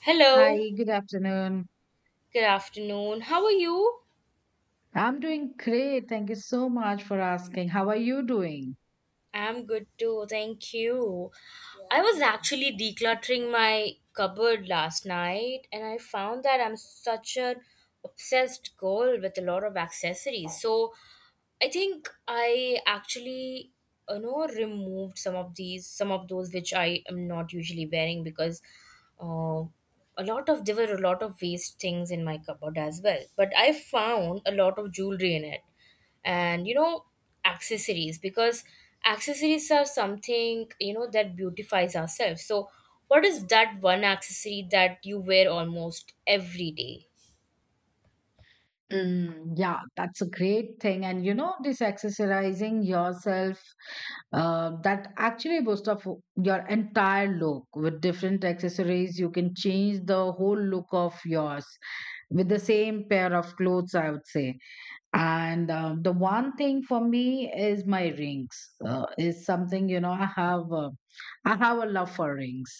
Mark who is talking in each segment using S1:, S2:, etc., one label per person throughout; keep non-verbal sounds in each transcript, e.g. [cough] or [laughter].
S1: Hello,
S2: Hi, good afternoon.
S1: good afternoon. How are you?
S2: I'm doing great. Thank you so much for asking. How are you doing?
S1: I'm good too, thank you. I was actually decluttering my cupboard last night and I found that I'm such an obsessed girl with a lot of accessories. So I think I actually removed some of those which I am not usually wearing because uh, a lot of there were a lot of waste things in my cupboard as well. But I found a lot of jewelry in it, and you know accessories because accessories are something you know that beautifies ourselves. So what is that one accessory that you wear almost every day?
S2: Mm, yeah, that's a great thing. And you know, this accessorizing yourself, that actually boosts up your entire look. With different accessories, you can change the whole look of yours with the same pair of clothes, I would say. And The one thing for me is my rings. Is something you know I have. I have a love for rings,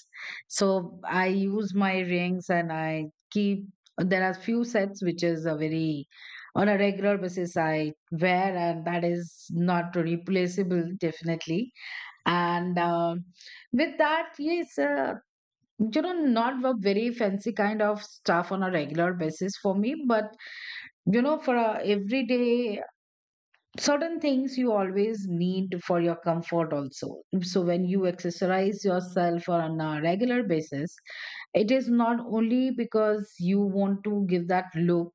S2: so I use my rings and I keep. There are few sets which is a very on a regular basis I wear, and that is not replaceable definitely. And with that, yes, you know, not a very fancy kind of stuff on a regular basis for me, but you know for a everyday certain things you always need for your comfort also, so when you exercise yourself on a regular basis it is not only because you want to give that look,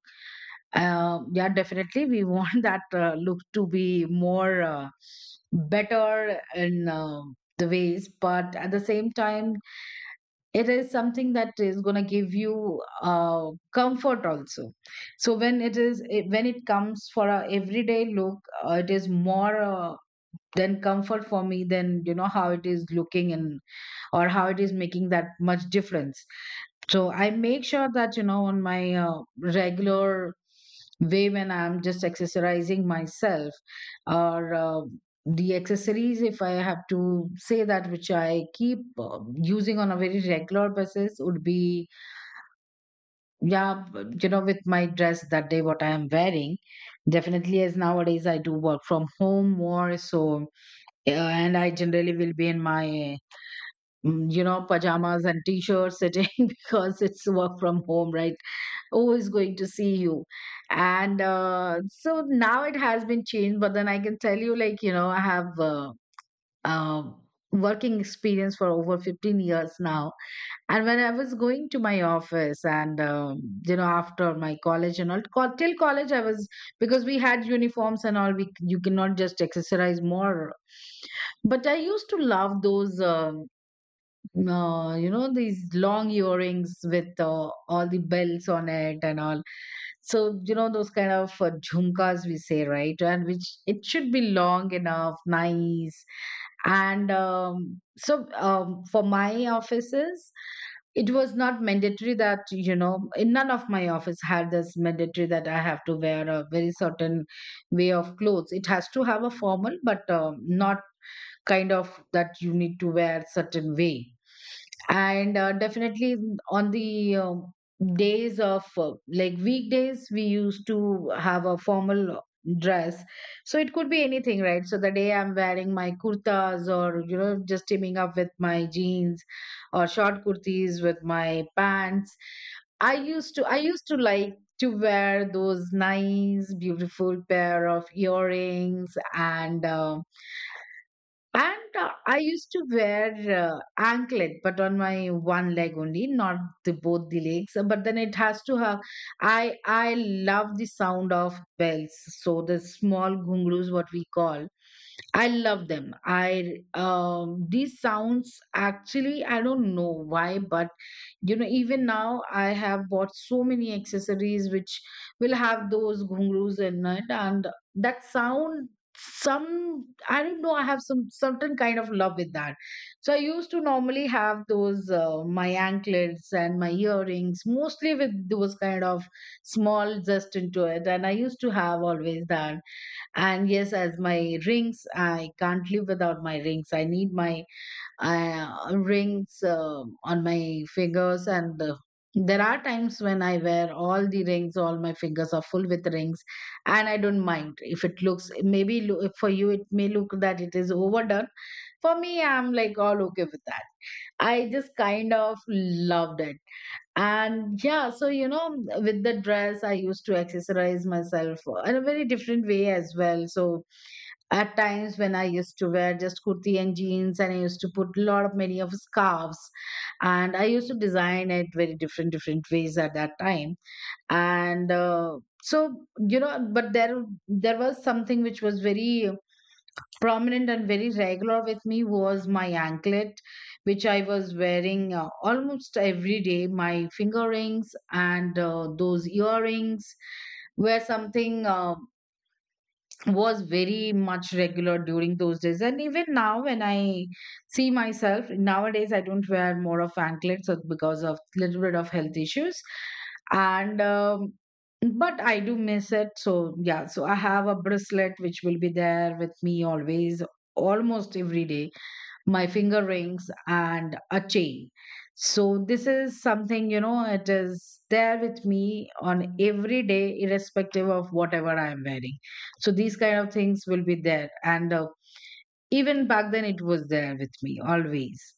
S2: yeah definitely we want [laughs] that look to be more better in the ways, but at the same time it is something that is going to give you comfort also. So when it is when it comes for a everyday look, it is more than comfort for me than you know how it is looking in or how it is making that much difference. So I make sure that you know on my regular way when I'm just exercising myself, or the accessories, if I have to say that which I keep uh, using on a very regular basis would be, yeah, you know, with my dress that day what I am wearing. Definitely as nowadays I do work from home more, so and I generally will be in my, you know, pajamas and t-shirts sitting [laughs] because it's work from home, right? Who is going to see you? And so now it has been changed, but then I can tell you, like, you know, I have um working experience for over 15 years now. And when I was going to my office and, you know, after my college and all, till college, I was, because we had uniforms and all, we, you cannot just exercise more. But I used to love those you know, these long earrings with all the bells on it and all. So you know those kind of, jhumkas we say, right? And which it should be long enough, nice. And so for my offices, it was not mandatory that you know, in none of my office had this mandatory that I have to wear a very certain way of clothes. It has to have a formal, but not kind of that you need to wear certain way. And definitely on the, days of, like weekdays, we used to have a formal dress. So it could be anything, right? So the day I'm wearing my kurtas, or you know, just teaming up with my jeans or short kurtis with my pants, I used to like to wear those nice beautiful pair of earrings. And I used to wear anklet, but on my one leg only, not the both the legs. But then it has to have. I love the sound of bells. So the small gungroos, what we call, I love them. I These sounds actually I don't know why, but you know even now I have bought so many accessories which will have those ghungroos in it, and that sound, some, I don't know, I have some certain kind of love with that. So I used to normally have those, my anklets and my earrings mostly with those kind of small zest into it, and I used to have always that. And yes, as my rings, I can't live without my rings. I need my rings on my fingers. And There are times when I wear all the rings, all my fingers are full with rings, and I don't mind if it looks maybe, for you it may look that it is overdone. For me, I'm like all okay with that. I just kind of loved it. And yeah, so you know, with the dress, I used to accessorize myself in a very different way as well. So at times when I used to wear just kurti and jeans, and I used to put a lot of many of scarves, and I used to design it very different different ways at that time. And you know, but there was something which was very prominent and very regular with me, was my anklet, which I was wearing almost every day. My finger rings, and those earrings, were something was very much regular during those days. And even now when I see myself nowadays, I don't wear more of anklets because of little bit of health issues, and but I do miss it. So yeah, so I have a bracelet which will be there with me always, almost every day. My finger rings and a chain, so this is something, you know, it is there with me on every day irrespective of whatever I am wearing. So these kind of things will be there. And Even back then it was there with me always.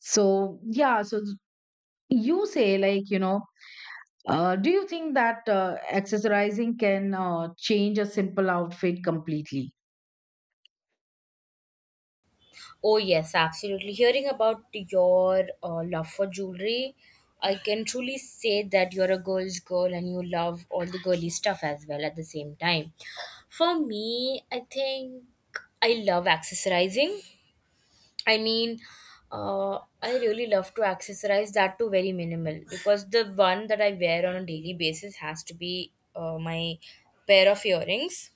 S2: So yeah, so you say like, you know, do you think that accessorizing can change a simple outfit completely?
S1: Oh, yes, absolutely. Hearing about your love for jewelry, I can truly say that you're a girl's girl and you love all the girly stuff as well at the same time. For me, I think I love accessorizing. I mean, I really love to accessorize that too very minimal because the one that I wear on a daily basis has to be my pair of earrings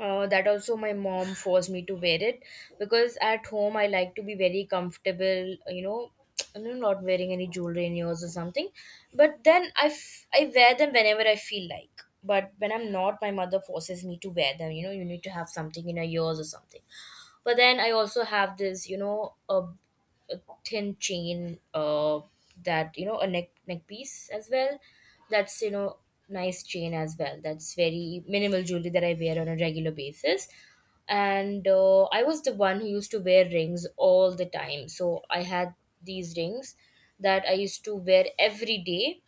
S1: that also my mom forced me to wear it because at home I like to be very comfortable, you know, [tsk] you know, not wearing any jewelry in ears or something. But then I wear them whenever I feel like. But when I'm not, my mother forces me to wear them. You know, you need to have something in your ears or something. But then I also have this, you know, a thin chain that you know a neck piece as well, that's you know, nice chain as well. That's very minimal jewelry that I wear on a regular basis. And I was the one who used to wear rings all the time, so I had these rings that I used to wear every day.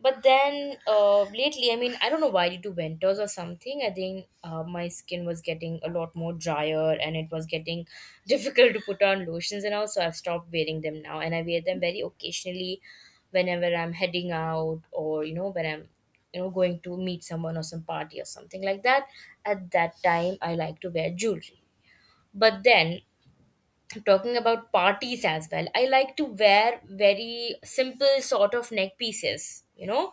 S1: But then lately, I mean, I don't know why, due to winters or something, I think my skin was getting a lot more drier and it was getting [laughs] difficult to put on lotions and all. So I've stopped wearing them now, and I wear them very occasionally whenever I'm heading out, or you know when I'm, you know, going to meet someone or some party or something like that. At that time, I like to wear jewelry. But then, talking about parties as well, I like to wear very simple sort of neck pieces, you know.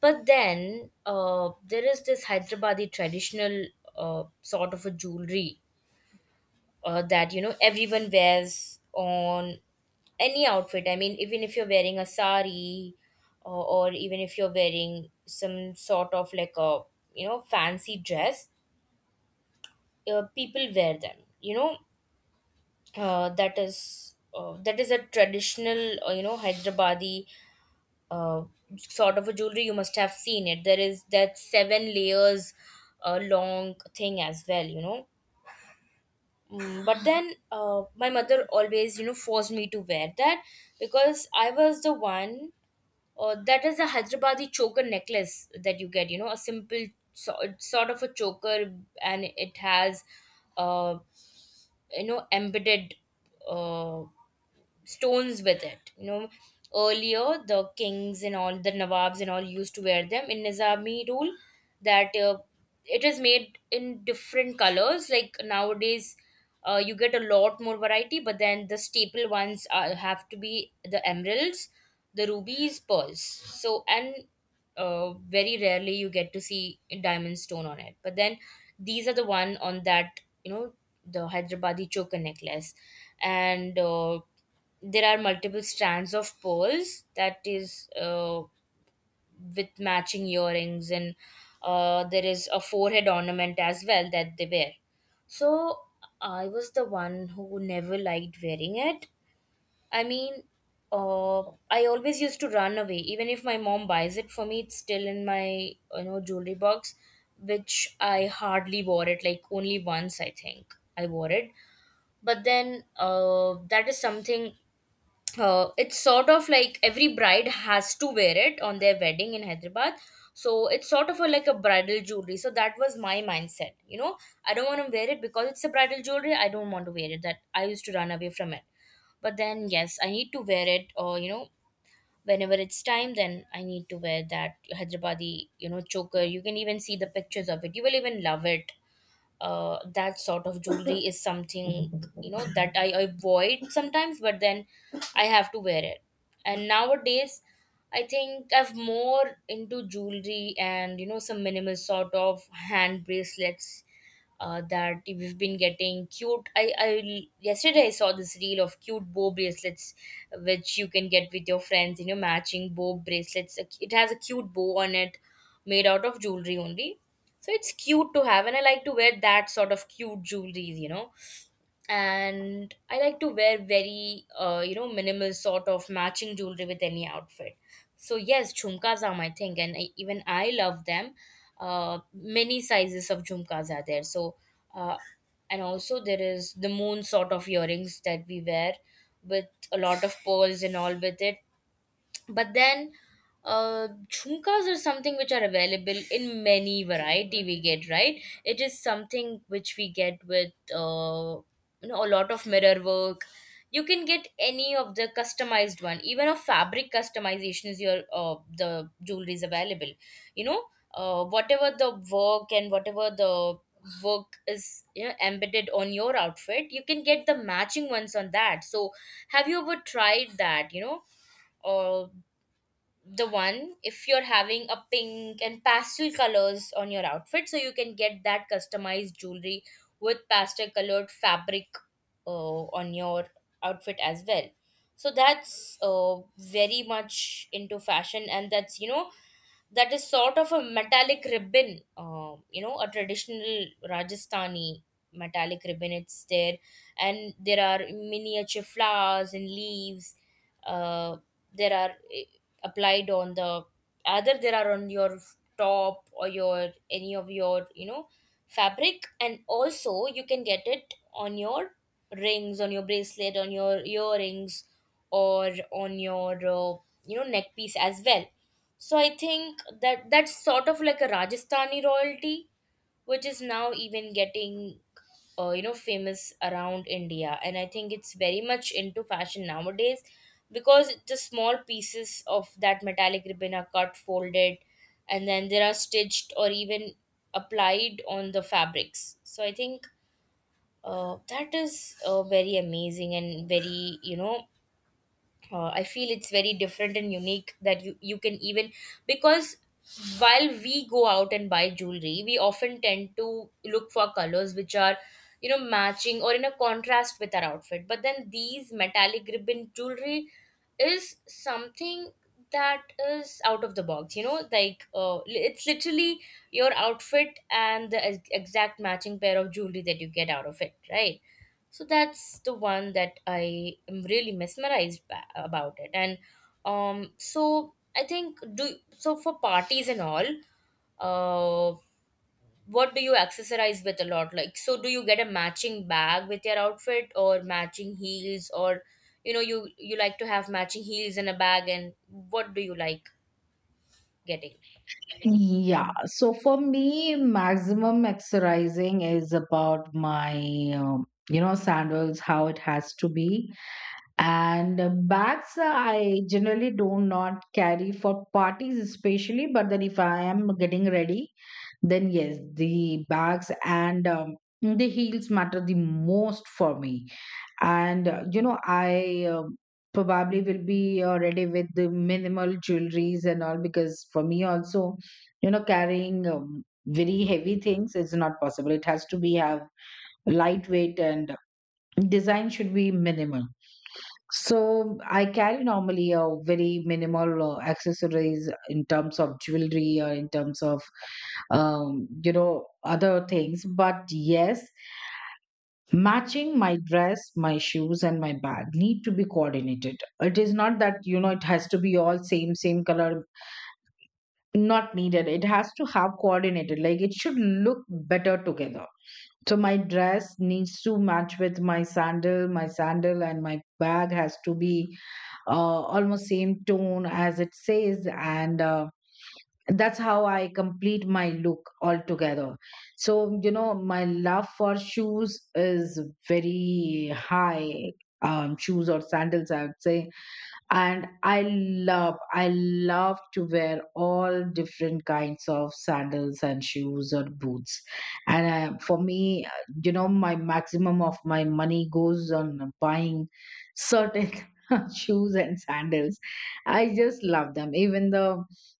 S1: But then there is this Hyderabadi traditional sort of a jewelry, that you know everyone wears on any outfit. I mean, even if you're wearing a sari, or even if you're wearing some sort of like a, you know, fancy dress, people wear them, you know. That is a traditional you know Hyderabadi uh, sort of a jewelry. You must have seen it. There is that seven layers long thing as well, you know. Mm, but then my mother always you know forced me to wear that because I was the one that is a Hyderabadi choker necklace that you get, you know, a simple sort of a choker, and it has uh, you know embedded uh, stones with it. You know, earlier the kings and all the nawabs and all used to wear them in Nizami rule. That It is made in different colors. Like nowadays, you get a lot more variety, but then the staple ones are, have to be the emeralds, the rubies, pearls. So, and very rarely you get to see a diamond stone on it. But then these are the one on that, you know, the Hyderabadi choker necklace, and there are multiple strands of pearls, that is with matching earrings, and there is a forehead ornament as well that they wear. So I was the one who never liked wearing it. I mean, uh, I always used to run away. Even if my mom buys it for me, it's still in my, you know, jewelry box, which I hardly wore it. Like, only once I think I wore it. But then that is something. It's sort of like every bride has to wear it on their wedding in Hyderabad. So it's sort of a, like a bridal jewelry. So that was my mindset. You know, I don't want to wear it because it's a bridal jewelry. I don't want to wear it. That I used to run away from it. But then yes, I need to wear it. Or you know, whenever it's time, then I need to wear that Hyderabadi, you know, choker. You can even see the pictures of it. You will even love it. That sort of jewelry [laughs] is something, you know, that I avoid sometimes, but then I have to wear it. And nowadays, I think I've more into jewelry and, you know, some minimal sort of hand bracelets that we've been getting cute. I yesterday I saw this reel of cute bow bracelets, which you can get with your friends. You know, matching bow bracelets. It has a cute bow on it, made out of jewelry only, so it's cute to have, and I like to wear that sort of cute jewelry, you know. And I like to wear very, you know, minimal sort of matching jewelry with any outfit. So yes, jhumkas are my thing, and I, even I love them. Many sizes of jhumkas are there. So, uh, and also there is the moon sort of earrings that we wear with a lot of pearls and all with it. But then jhumkas are something which are available in many variety we get, right. It is something which we get with you know a lot of mirror work. You can get any of the customized one, even a fabric customization is your the jewelry is available, you know. Whatever the work and whatever the work is, you know, embedded on your outfit, you can get the matching ones on that. So have you ever tried that, you know, uh, the one? If you're having a pink and pastel colors on your outfit, so you can get that customized jewelry with pastel colored fabric uh, on your outfit as well. So that's very much into fashion, and that's, you know, that is sort of a metallic ribbon, you know, a traditional Rajasthani metallic ribbon. It's there. And there are miniature flowers and leaves uh, there are applied on the, either there are on your top or your any of your, you know, fabric, and also you can get it on your rings, on your bracelet, on your earrings, or on your you know neck piece as well. So I think that that's sort of like a Rajasthani royalty, which is now even getting you know famous around India, and I think it's very much into fashion nowadays because the small pieces of that metallic ribbon are cut, folded, and then they are stitched or even applied on the fabrics. So I think that is very amazing and very, you know, I feel it's very different and unique that you can even, because while we go out and buy jewelry, we often tend to look for colors which are, you know, matching or in a contrast with our outfit. But then these metallic ribbon jewelry is something that is out of the box, you know, like it's literally your outfit and the exact matching pair of jewelry that you get out of it, right? So that's the one that I am really mesmerized about it. And so I think do so for parties and all. Uh, what do you accessorize with a lot? Like, so do you get a matching bag with your outfit or matching heels, or you know, you like to have matching heels in a bag, and what do you like getting?
S2: Yeah, so for me, maximum exercising is about my, you know, sandals, how it has to be. And bags, I generally do not carry for parties, especially. But then if I am getting ready, then yes, the bags and, the heels matter the most for me. And You know, I probably will be already with the minimal jewelries and all, because for me also, you know, carrying very heavy things is not possible. It has to be have lightweight, and design should be minimal. So I carry normally a very minimal accessories in terms of jewelry, or in terms of, you know, other things. But yes, matching my dress, my shoes and my bag need to be coordinated. It is not that you know it has to be all same same color, not needed. It has to have coordinated, like it should look better together. So my dress needs to match with my sandal, my sandal and my bag has to be almost same tone, as it says. And That's how I complete my look altogether. So, you know, my love for shoes is very high. Shoes or sandals, I would say. And I love to wear all different kinds of sandals and shoes or boots. And For me, you know, my maximum of my money goes on buying certain [laughs] shoes and sandals. I just love them. Even the,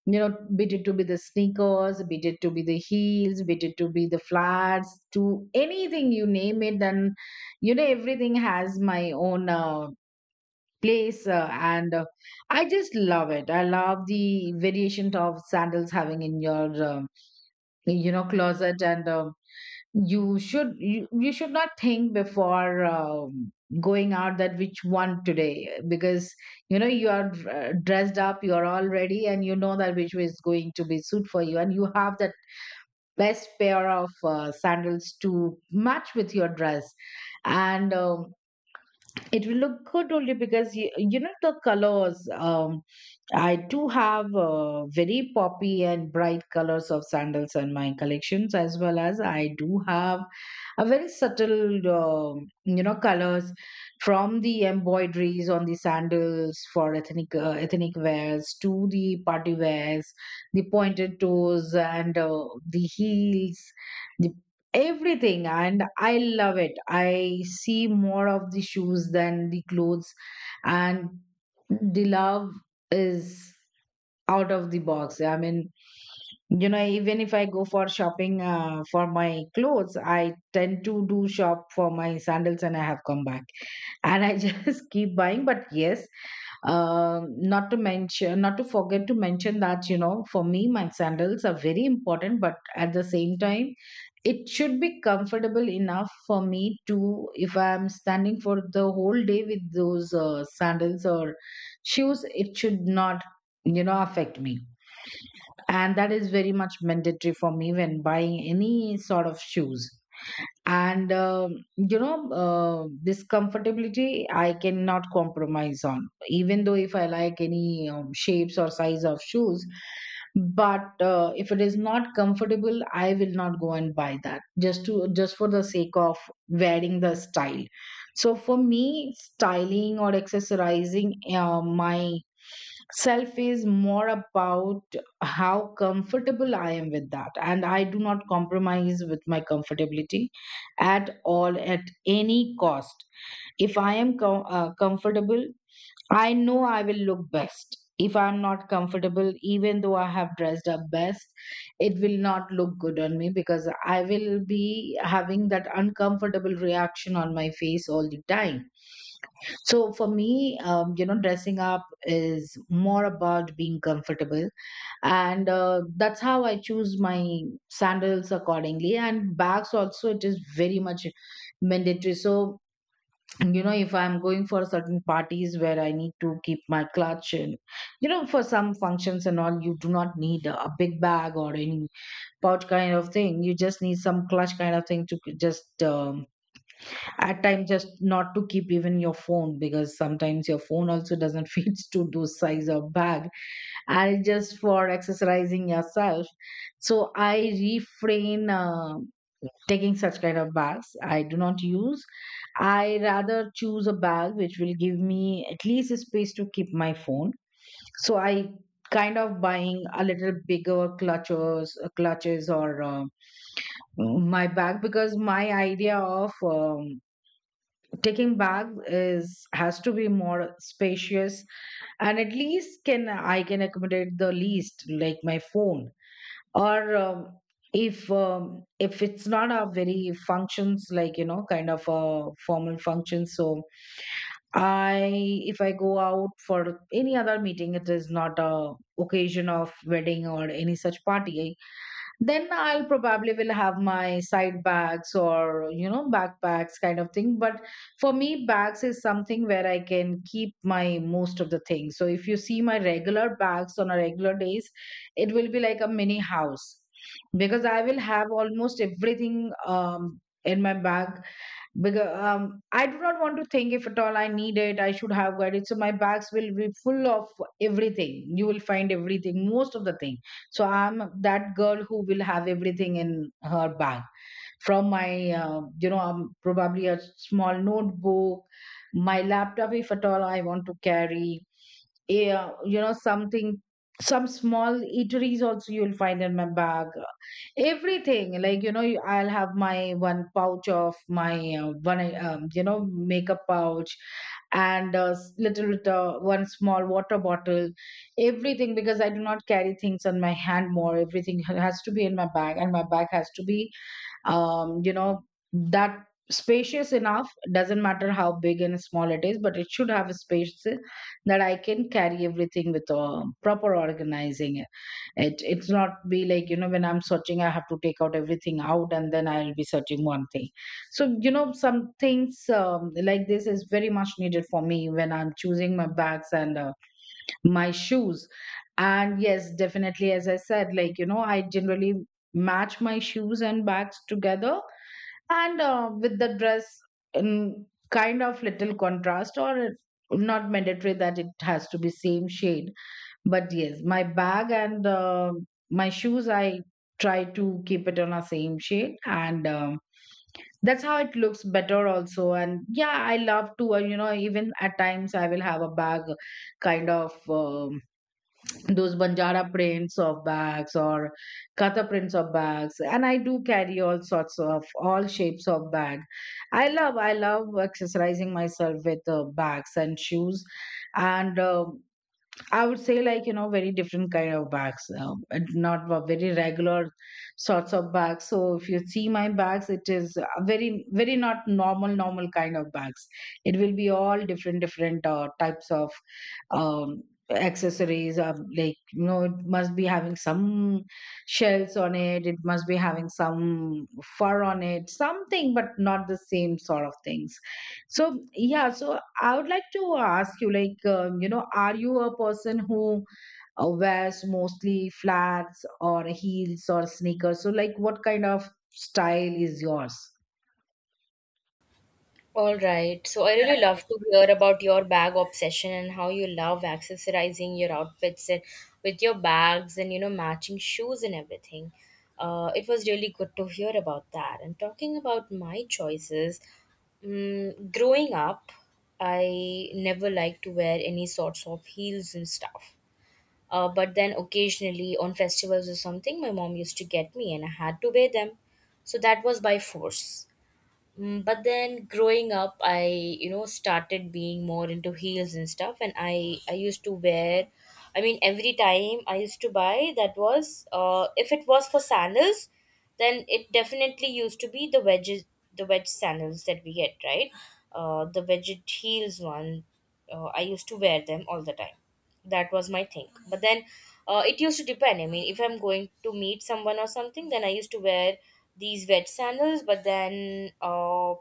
S2: you know, be it to be the sneakers, be it to be the heels, be it to be the flats, to anything, you name it, and you know, everything has my own place. And I just love it. I love the variation of sandals having in your, you know, closet. And You should, you should not think before going out that which one today. Because you know you are dressed up, you are all ready, and you know that which way is going to be suit for you, and you have that best pair of sandals to match with your dress. And It will look good only because you know the colors. I do have very poppy and bright colors of sandals in my collections, as well as I do have a very subtle, colors from the embroideries on the sandals for ethnic ethnic wears to the party wears, the pointed toes and the heels the everything. And I love it. I see more of the shoes than the clothes, and the love is out of the box. I mean, you know, even if I go for shopping for my clothes, I tend to do shop for my sandals and I have come back [laughs] and I just [laughs] keep buying. But yes, not to mention, not to forget to mention that, you know, for me my sandals are very important, but at the same time it should be comfortable enough for me to, if I'm standing for the whole day with those sandals or shoes, it should not, you know, affect me. And that is very much mandatory for me when buying any sort of shoes. And this comfortability I cannot compromise on, even though if I like any shapes or size of shoes, but if it is not comfortable, I will not go and buy that just to, just for the sake of wearing the style. So for me, styling or accessorizing my self is more about how comfortable I am with that, and I do not compromise with my comfortability at all at any cost. If I am comfortable, I know I will look best. If I'm not comfortable, even though I have dressed up best, it will not look good on me because I will be having that uncomfortable reaction on my face all the time. So for me, dressing up is more about being comfortable, and that's how I choose my sandals accordingly. And bags also, it is very much mandatory. So you know, if I'm going for certain parties where I need to keep my clutch, and you know, for some functions and all, you do not need a big bag or any pouch kind of thing. You just need some clutch kind of thing to k- just at times, just not to keep even your phone, because sometimes your phone also doesn't [laughs] fit to those size of bag and just for exercising yourself. So I refrain taking such kind of baths. I do not use. I rather choose a bath which will give me at least a space to keep my phone. So I kind of buying a little bigger clutches, clutches or my bag, because my idea of taking bag is has to be more spacious and at least can I, can accommodate the least like my phone, or if it's not a very functions like, you know, kind of a formal function. So I, if I go out for any other meeting, it is not a occasion of wedding or any such party, then I'll probably will have my side bags or, you know, backpacks kind of thing. But for me, bags is something where I can keep my most of the things. So if you see my regular bags on a regular days, it will be like a mini house, because I will have almost everything in my bag. Because I do not want to think if at all I need it, I should have got it. So my bags will be full of everything. You will find everything, most of the thing. So I'm that girl who will have everything in her bag, from my probably a small notebook, my laptop if at all I want to carry. Yeah, you know, something, some small eateries also you'll find in my bag, everything like, you know, I'll have my one pouch of my one you know, makeup pouch and little bit one small water bottle, everything, because I do not carry things on my hand more. Everything has to be in my bag, and my bag has to be you know, that spacious enough. Doesn't matter how big and small it is, but it should have a space that I can carry everything with proper organizing. It's not be like, you know, when I'm searching I have to take out everything out and then I'll be searching one thing. So you know, some things like this is very much needed for me when I'm choosing my bags and my shoes. And yes, definitely, as I said, like you know, I generally match my shoes and bags together, and with the dress, in kind of little contrast, or not mandatory that it has to be same shade. But yes, my bag and my shoes, I try to keep it on a same shade. And that's how it looks better also. And yeah, I love to you know, even at times I will have a bag kind of those Banjara prints of bags or Katha prints of bags. And I do carry all sorts of all shapes of bag. I love accessorizing myself with bags and shoes. And I would say, like you know, very different kind of bags, and not a very regular sorts of bags. So if you see my bags, it is a very very not normal normal kind of bags. It will be all different different types of um, accessories. Of, like you know, it must be having some shells on it. It must be having some fur on it. Something, but not the same sort of things. So yeah, so I would like to ask you, like, you know, are you a person who wears mostly flats or heels or sneakers? So, like, what kind of style is yours?
S1: All right. So I really love to hear about your bag obsession and how you love accessorizing your outfits and with your bags and, you know, matching shoes and everything. It was really good to hear about that. And talking about my choices, mm, growing up, I never liked to wear any sorts of heels and stuff. But then occasionally on festivals or something, my mom used to get me and I had to wear them. So that was by force. But then growing up, I started being more into heels and stuff, and I used to wear. I mean every time I used to buy, that was, if it was for sandals, then it definitely used to be the wedge sandals that we get, right? The wedged heels one. I used to wear them all the time. That was my thing. But then, it used to depend. I mean, if I'm going to meet someone or something, then I used to wear these wet sandals. But then,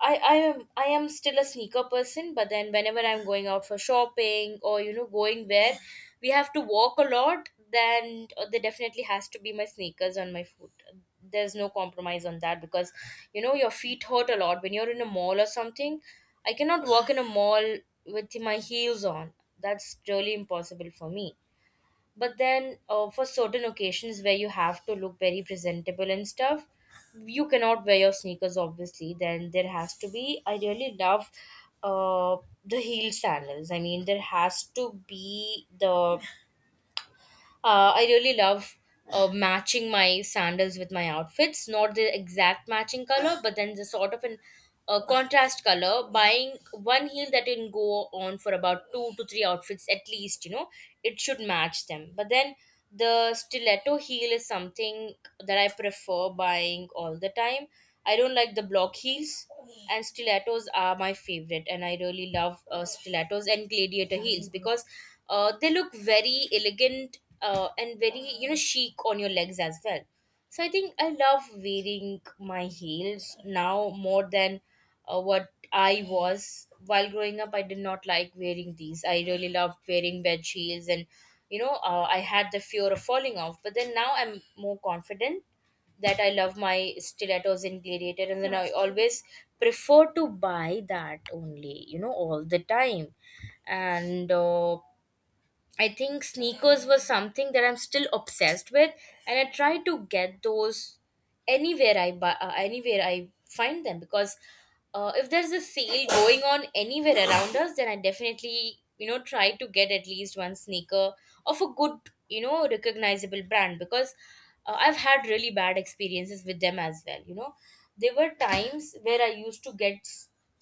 S1: I am still a sneaker person, but then whenever I'm going out for shopping or, you know, going where we have to walk a lot, then, there definitely has to be my sneakers on my foot. There's no compromise on that, because you know your feet hurt a lot when you're in a mall or something. I cannot walk in a mall with my heels on. That's really impossible for me, but then, for certain occasions where you have to look very presentable and stuff, you cannot wear your sneakers, obviously. Then there has to be. I really love, uh the heel sandals. I mean, there has to be the, I really love, matching my sandals with my outfits, not the exact matching color, but then the sort of an, contrast color. Buying one heel that can go on for about two to three outfits at least, you know, it should match them. But then the stiletto heel is something that I prefer buying all the time. I don't like the block heels, and stilettos are my favorite, and I really love, stilettos and gladiator heels, because, they look very elegant, and very, chic on your legs as well. So I think I love wearing my heels now more than, what I was while growing up. I did not like wearing these. I really loved wearing wedge heels, and I had the fear of falling off. But then now I'm more confident that I love my stilettos and gladiator, and then I always prefer to buy that only, all the time. And, I think sneakers was something that I'm still obsessed with, and I try to get those anywhere I buy, anywhere I find them, because, if there's a sale going on anywhere around us, then I definitely, try to get at least one sneaker of a good, recognizable brand, because, I've had really bad experiences with them as well. There were times where I used to get,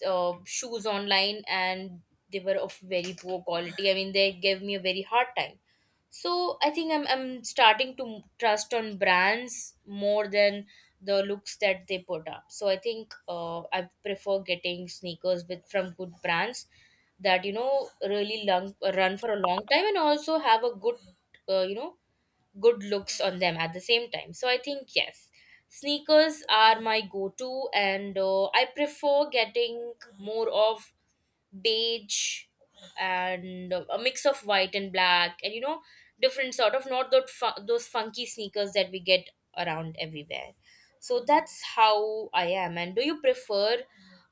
S1: shoes online, and they were of very poor quality. I mean, they gave me a very hard time. So I think I'm starting to trust on brands more than the looks that they put up. So I think, I prefer getting sneakers with from good brands that, you know, really long, run for a long time, and also have a good, uh, you know good looks on them at the same time. So I think, yes, sneakers are my go-to. And, I prefer getting more of beige, and a mix of white and black, and different sort of, not those funky sneakers that we get around everywhere. So that's how I am. And do you prefer,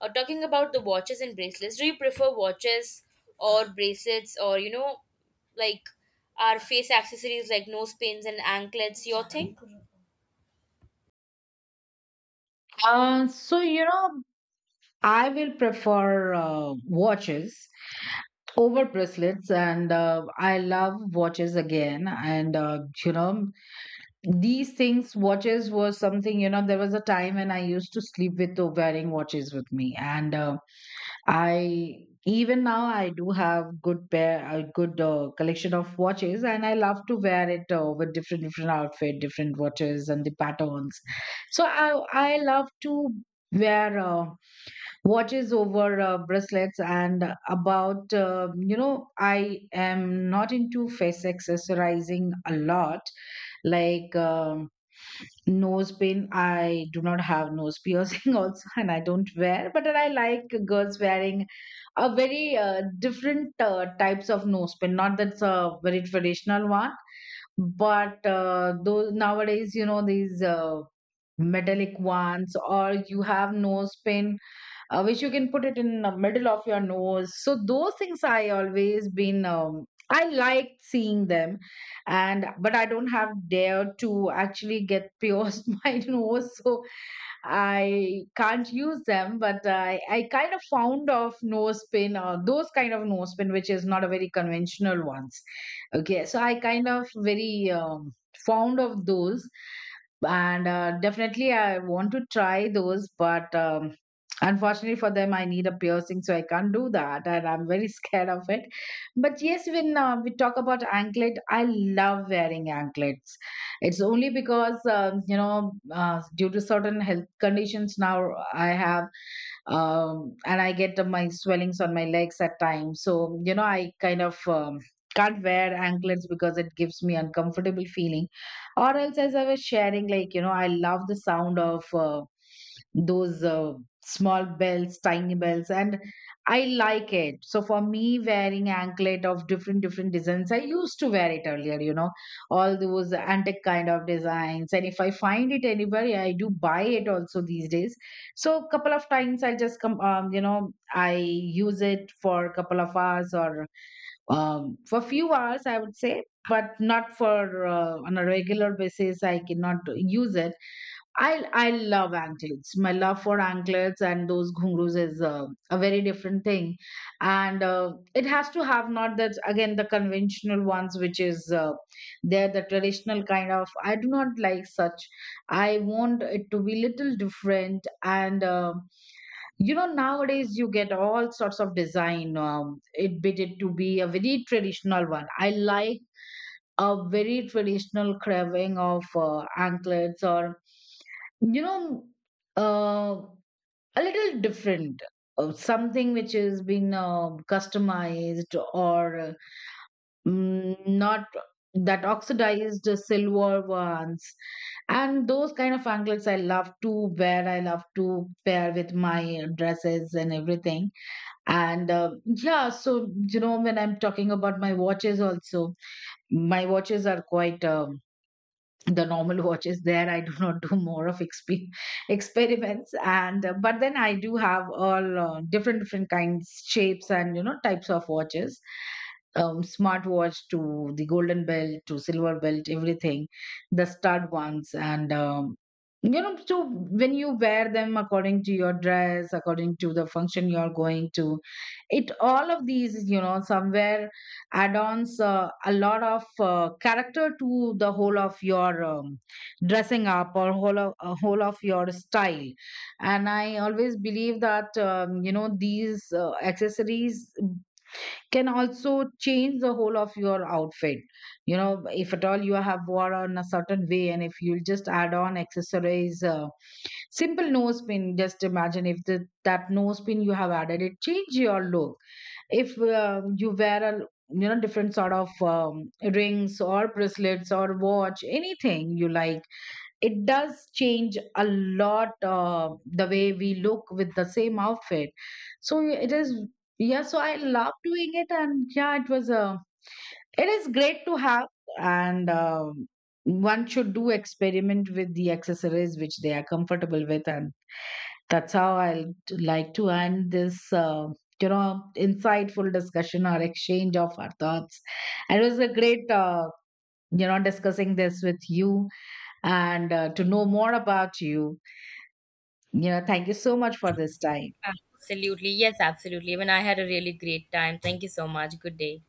S1: talking about the watches and bracelets, do you prefer watches or bracelets, or like our face accessories like nose pins and anklets? Your thing?
S2: So, you know, I will prefer watches over bracelets, and I love watches again. And, you know, these things, watches was something, you know, there was a time when I used to sleep with wearing watches with me. And, I, even now I do have good pair, a good collection of watches, and I love to wear it with different different outfit, different watches, and the patterns. So I love to wear watches over bracelets. And about you know, I am not into face accessorizing a lot like. Nose pin, I do not have nose piercing [laughs] also, and I don't wear, but then I like girls wearing a very different types of nose pin. Not that's a very traditional one, but those nowadays, you know, these metallic ones, or you have nose pin which you can put it in the middle of your nose. So those things I always been I liked seeing them, and but I don't have dare to actually get pierced [laughs] my nose. So I can't use them, but I kind of found of nose pin or those kind of nose pin, which is not a very conventional ones. Okay, so I kind of very fond of those, and definitely I want to try those, but unfortunately for them, I need a piercing, so I can't do that, and I'm very [laughs] scared of it. But yes, when we talk about anklet, I love wearing anklets. It's only because due to certain health conditions now I have and I get my swellings on my legs at times. So you know, I kind of can't wear anklets because it gives me uncomfortable feeling. Or else, as I was sharing, like you know, I love the sound of those small bells, tiny bells, and I like it. So for me, wearing anklet of different different designs, I used to wear it earlier, you know, all those antique kind of designs. And if I find it anywhere, I do buy it also these days. So a couple of times I just come, you know, I use it for a couple of hours, or for few hours I would say, but not for on a regular basis I cannot use it. I love anklets. My love for anklets and those ghungroos is a very different thing, and it has to have not that again the conventional ones, which is they're the traditional kind of. I do not like such. I want it to be little different, and you know, nowadays you get all sorts of design. It bit it to be a very traditional one. I like a very traditional carving of anklets, or you know, uh, a little different something which has been customized, or not that oxidized silver ones. And those kind of anklets I love to wear, I love to pair with my dresses and everything. And yeah, so you know, when I'm talking about my watches also, my watches are quite the normal watch is there. I do [laughs] not do more of experiments. And but then I do have all different different kinds, shapes and, you know, types of watches. Smart watch to the golden belt to silver belt, everything, the stud ones. And you know, so when you wear them according to your dress, according to the function you're going to, it all of these, you know, somewhere add-ons a lot of character to the whole of your dressing up, or whole of your style. And I always believe that you know, these accessories can also change the whole of your outfit. You know, if at all you have worn a certain way and if you'll just add on accessories, simple nose pin, just imagine if that nose pin you have added, it change your look. If you wear a, you know, different sort of rings or bracelets or watch, anything you like, it does change a lot the way we look with the same outfit. So it is, yeah, so I love doing it. And yeah, it was a, it is great to have. And one should do experiment with the accessories which they are comfortable with. And that's how I'll like to end this, you know, insightful discussion or exchange of our thoughts. And it was a great, you know, discussing this with you, and to know more about you. You know, thank you so much for this time.
S1: Absolutely. Yes, absolutely. Even I had a really great time. Thank you so much. Good day.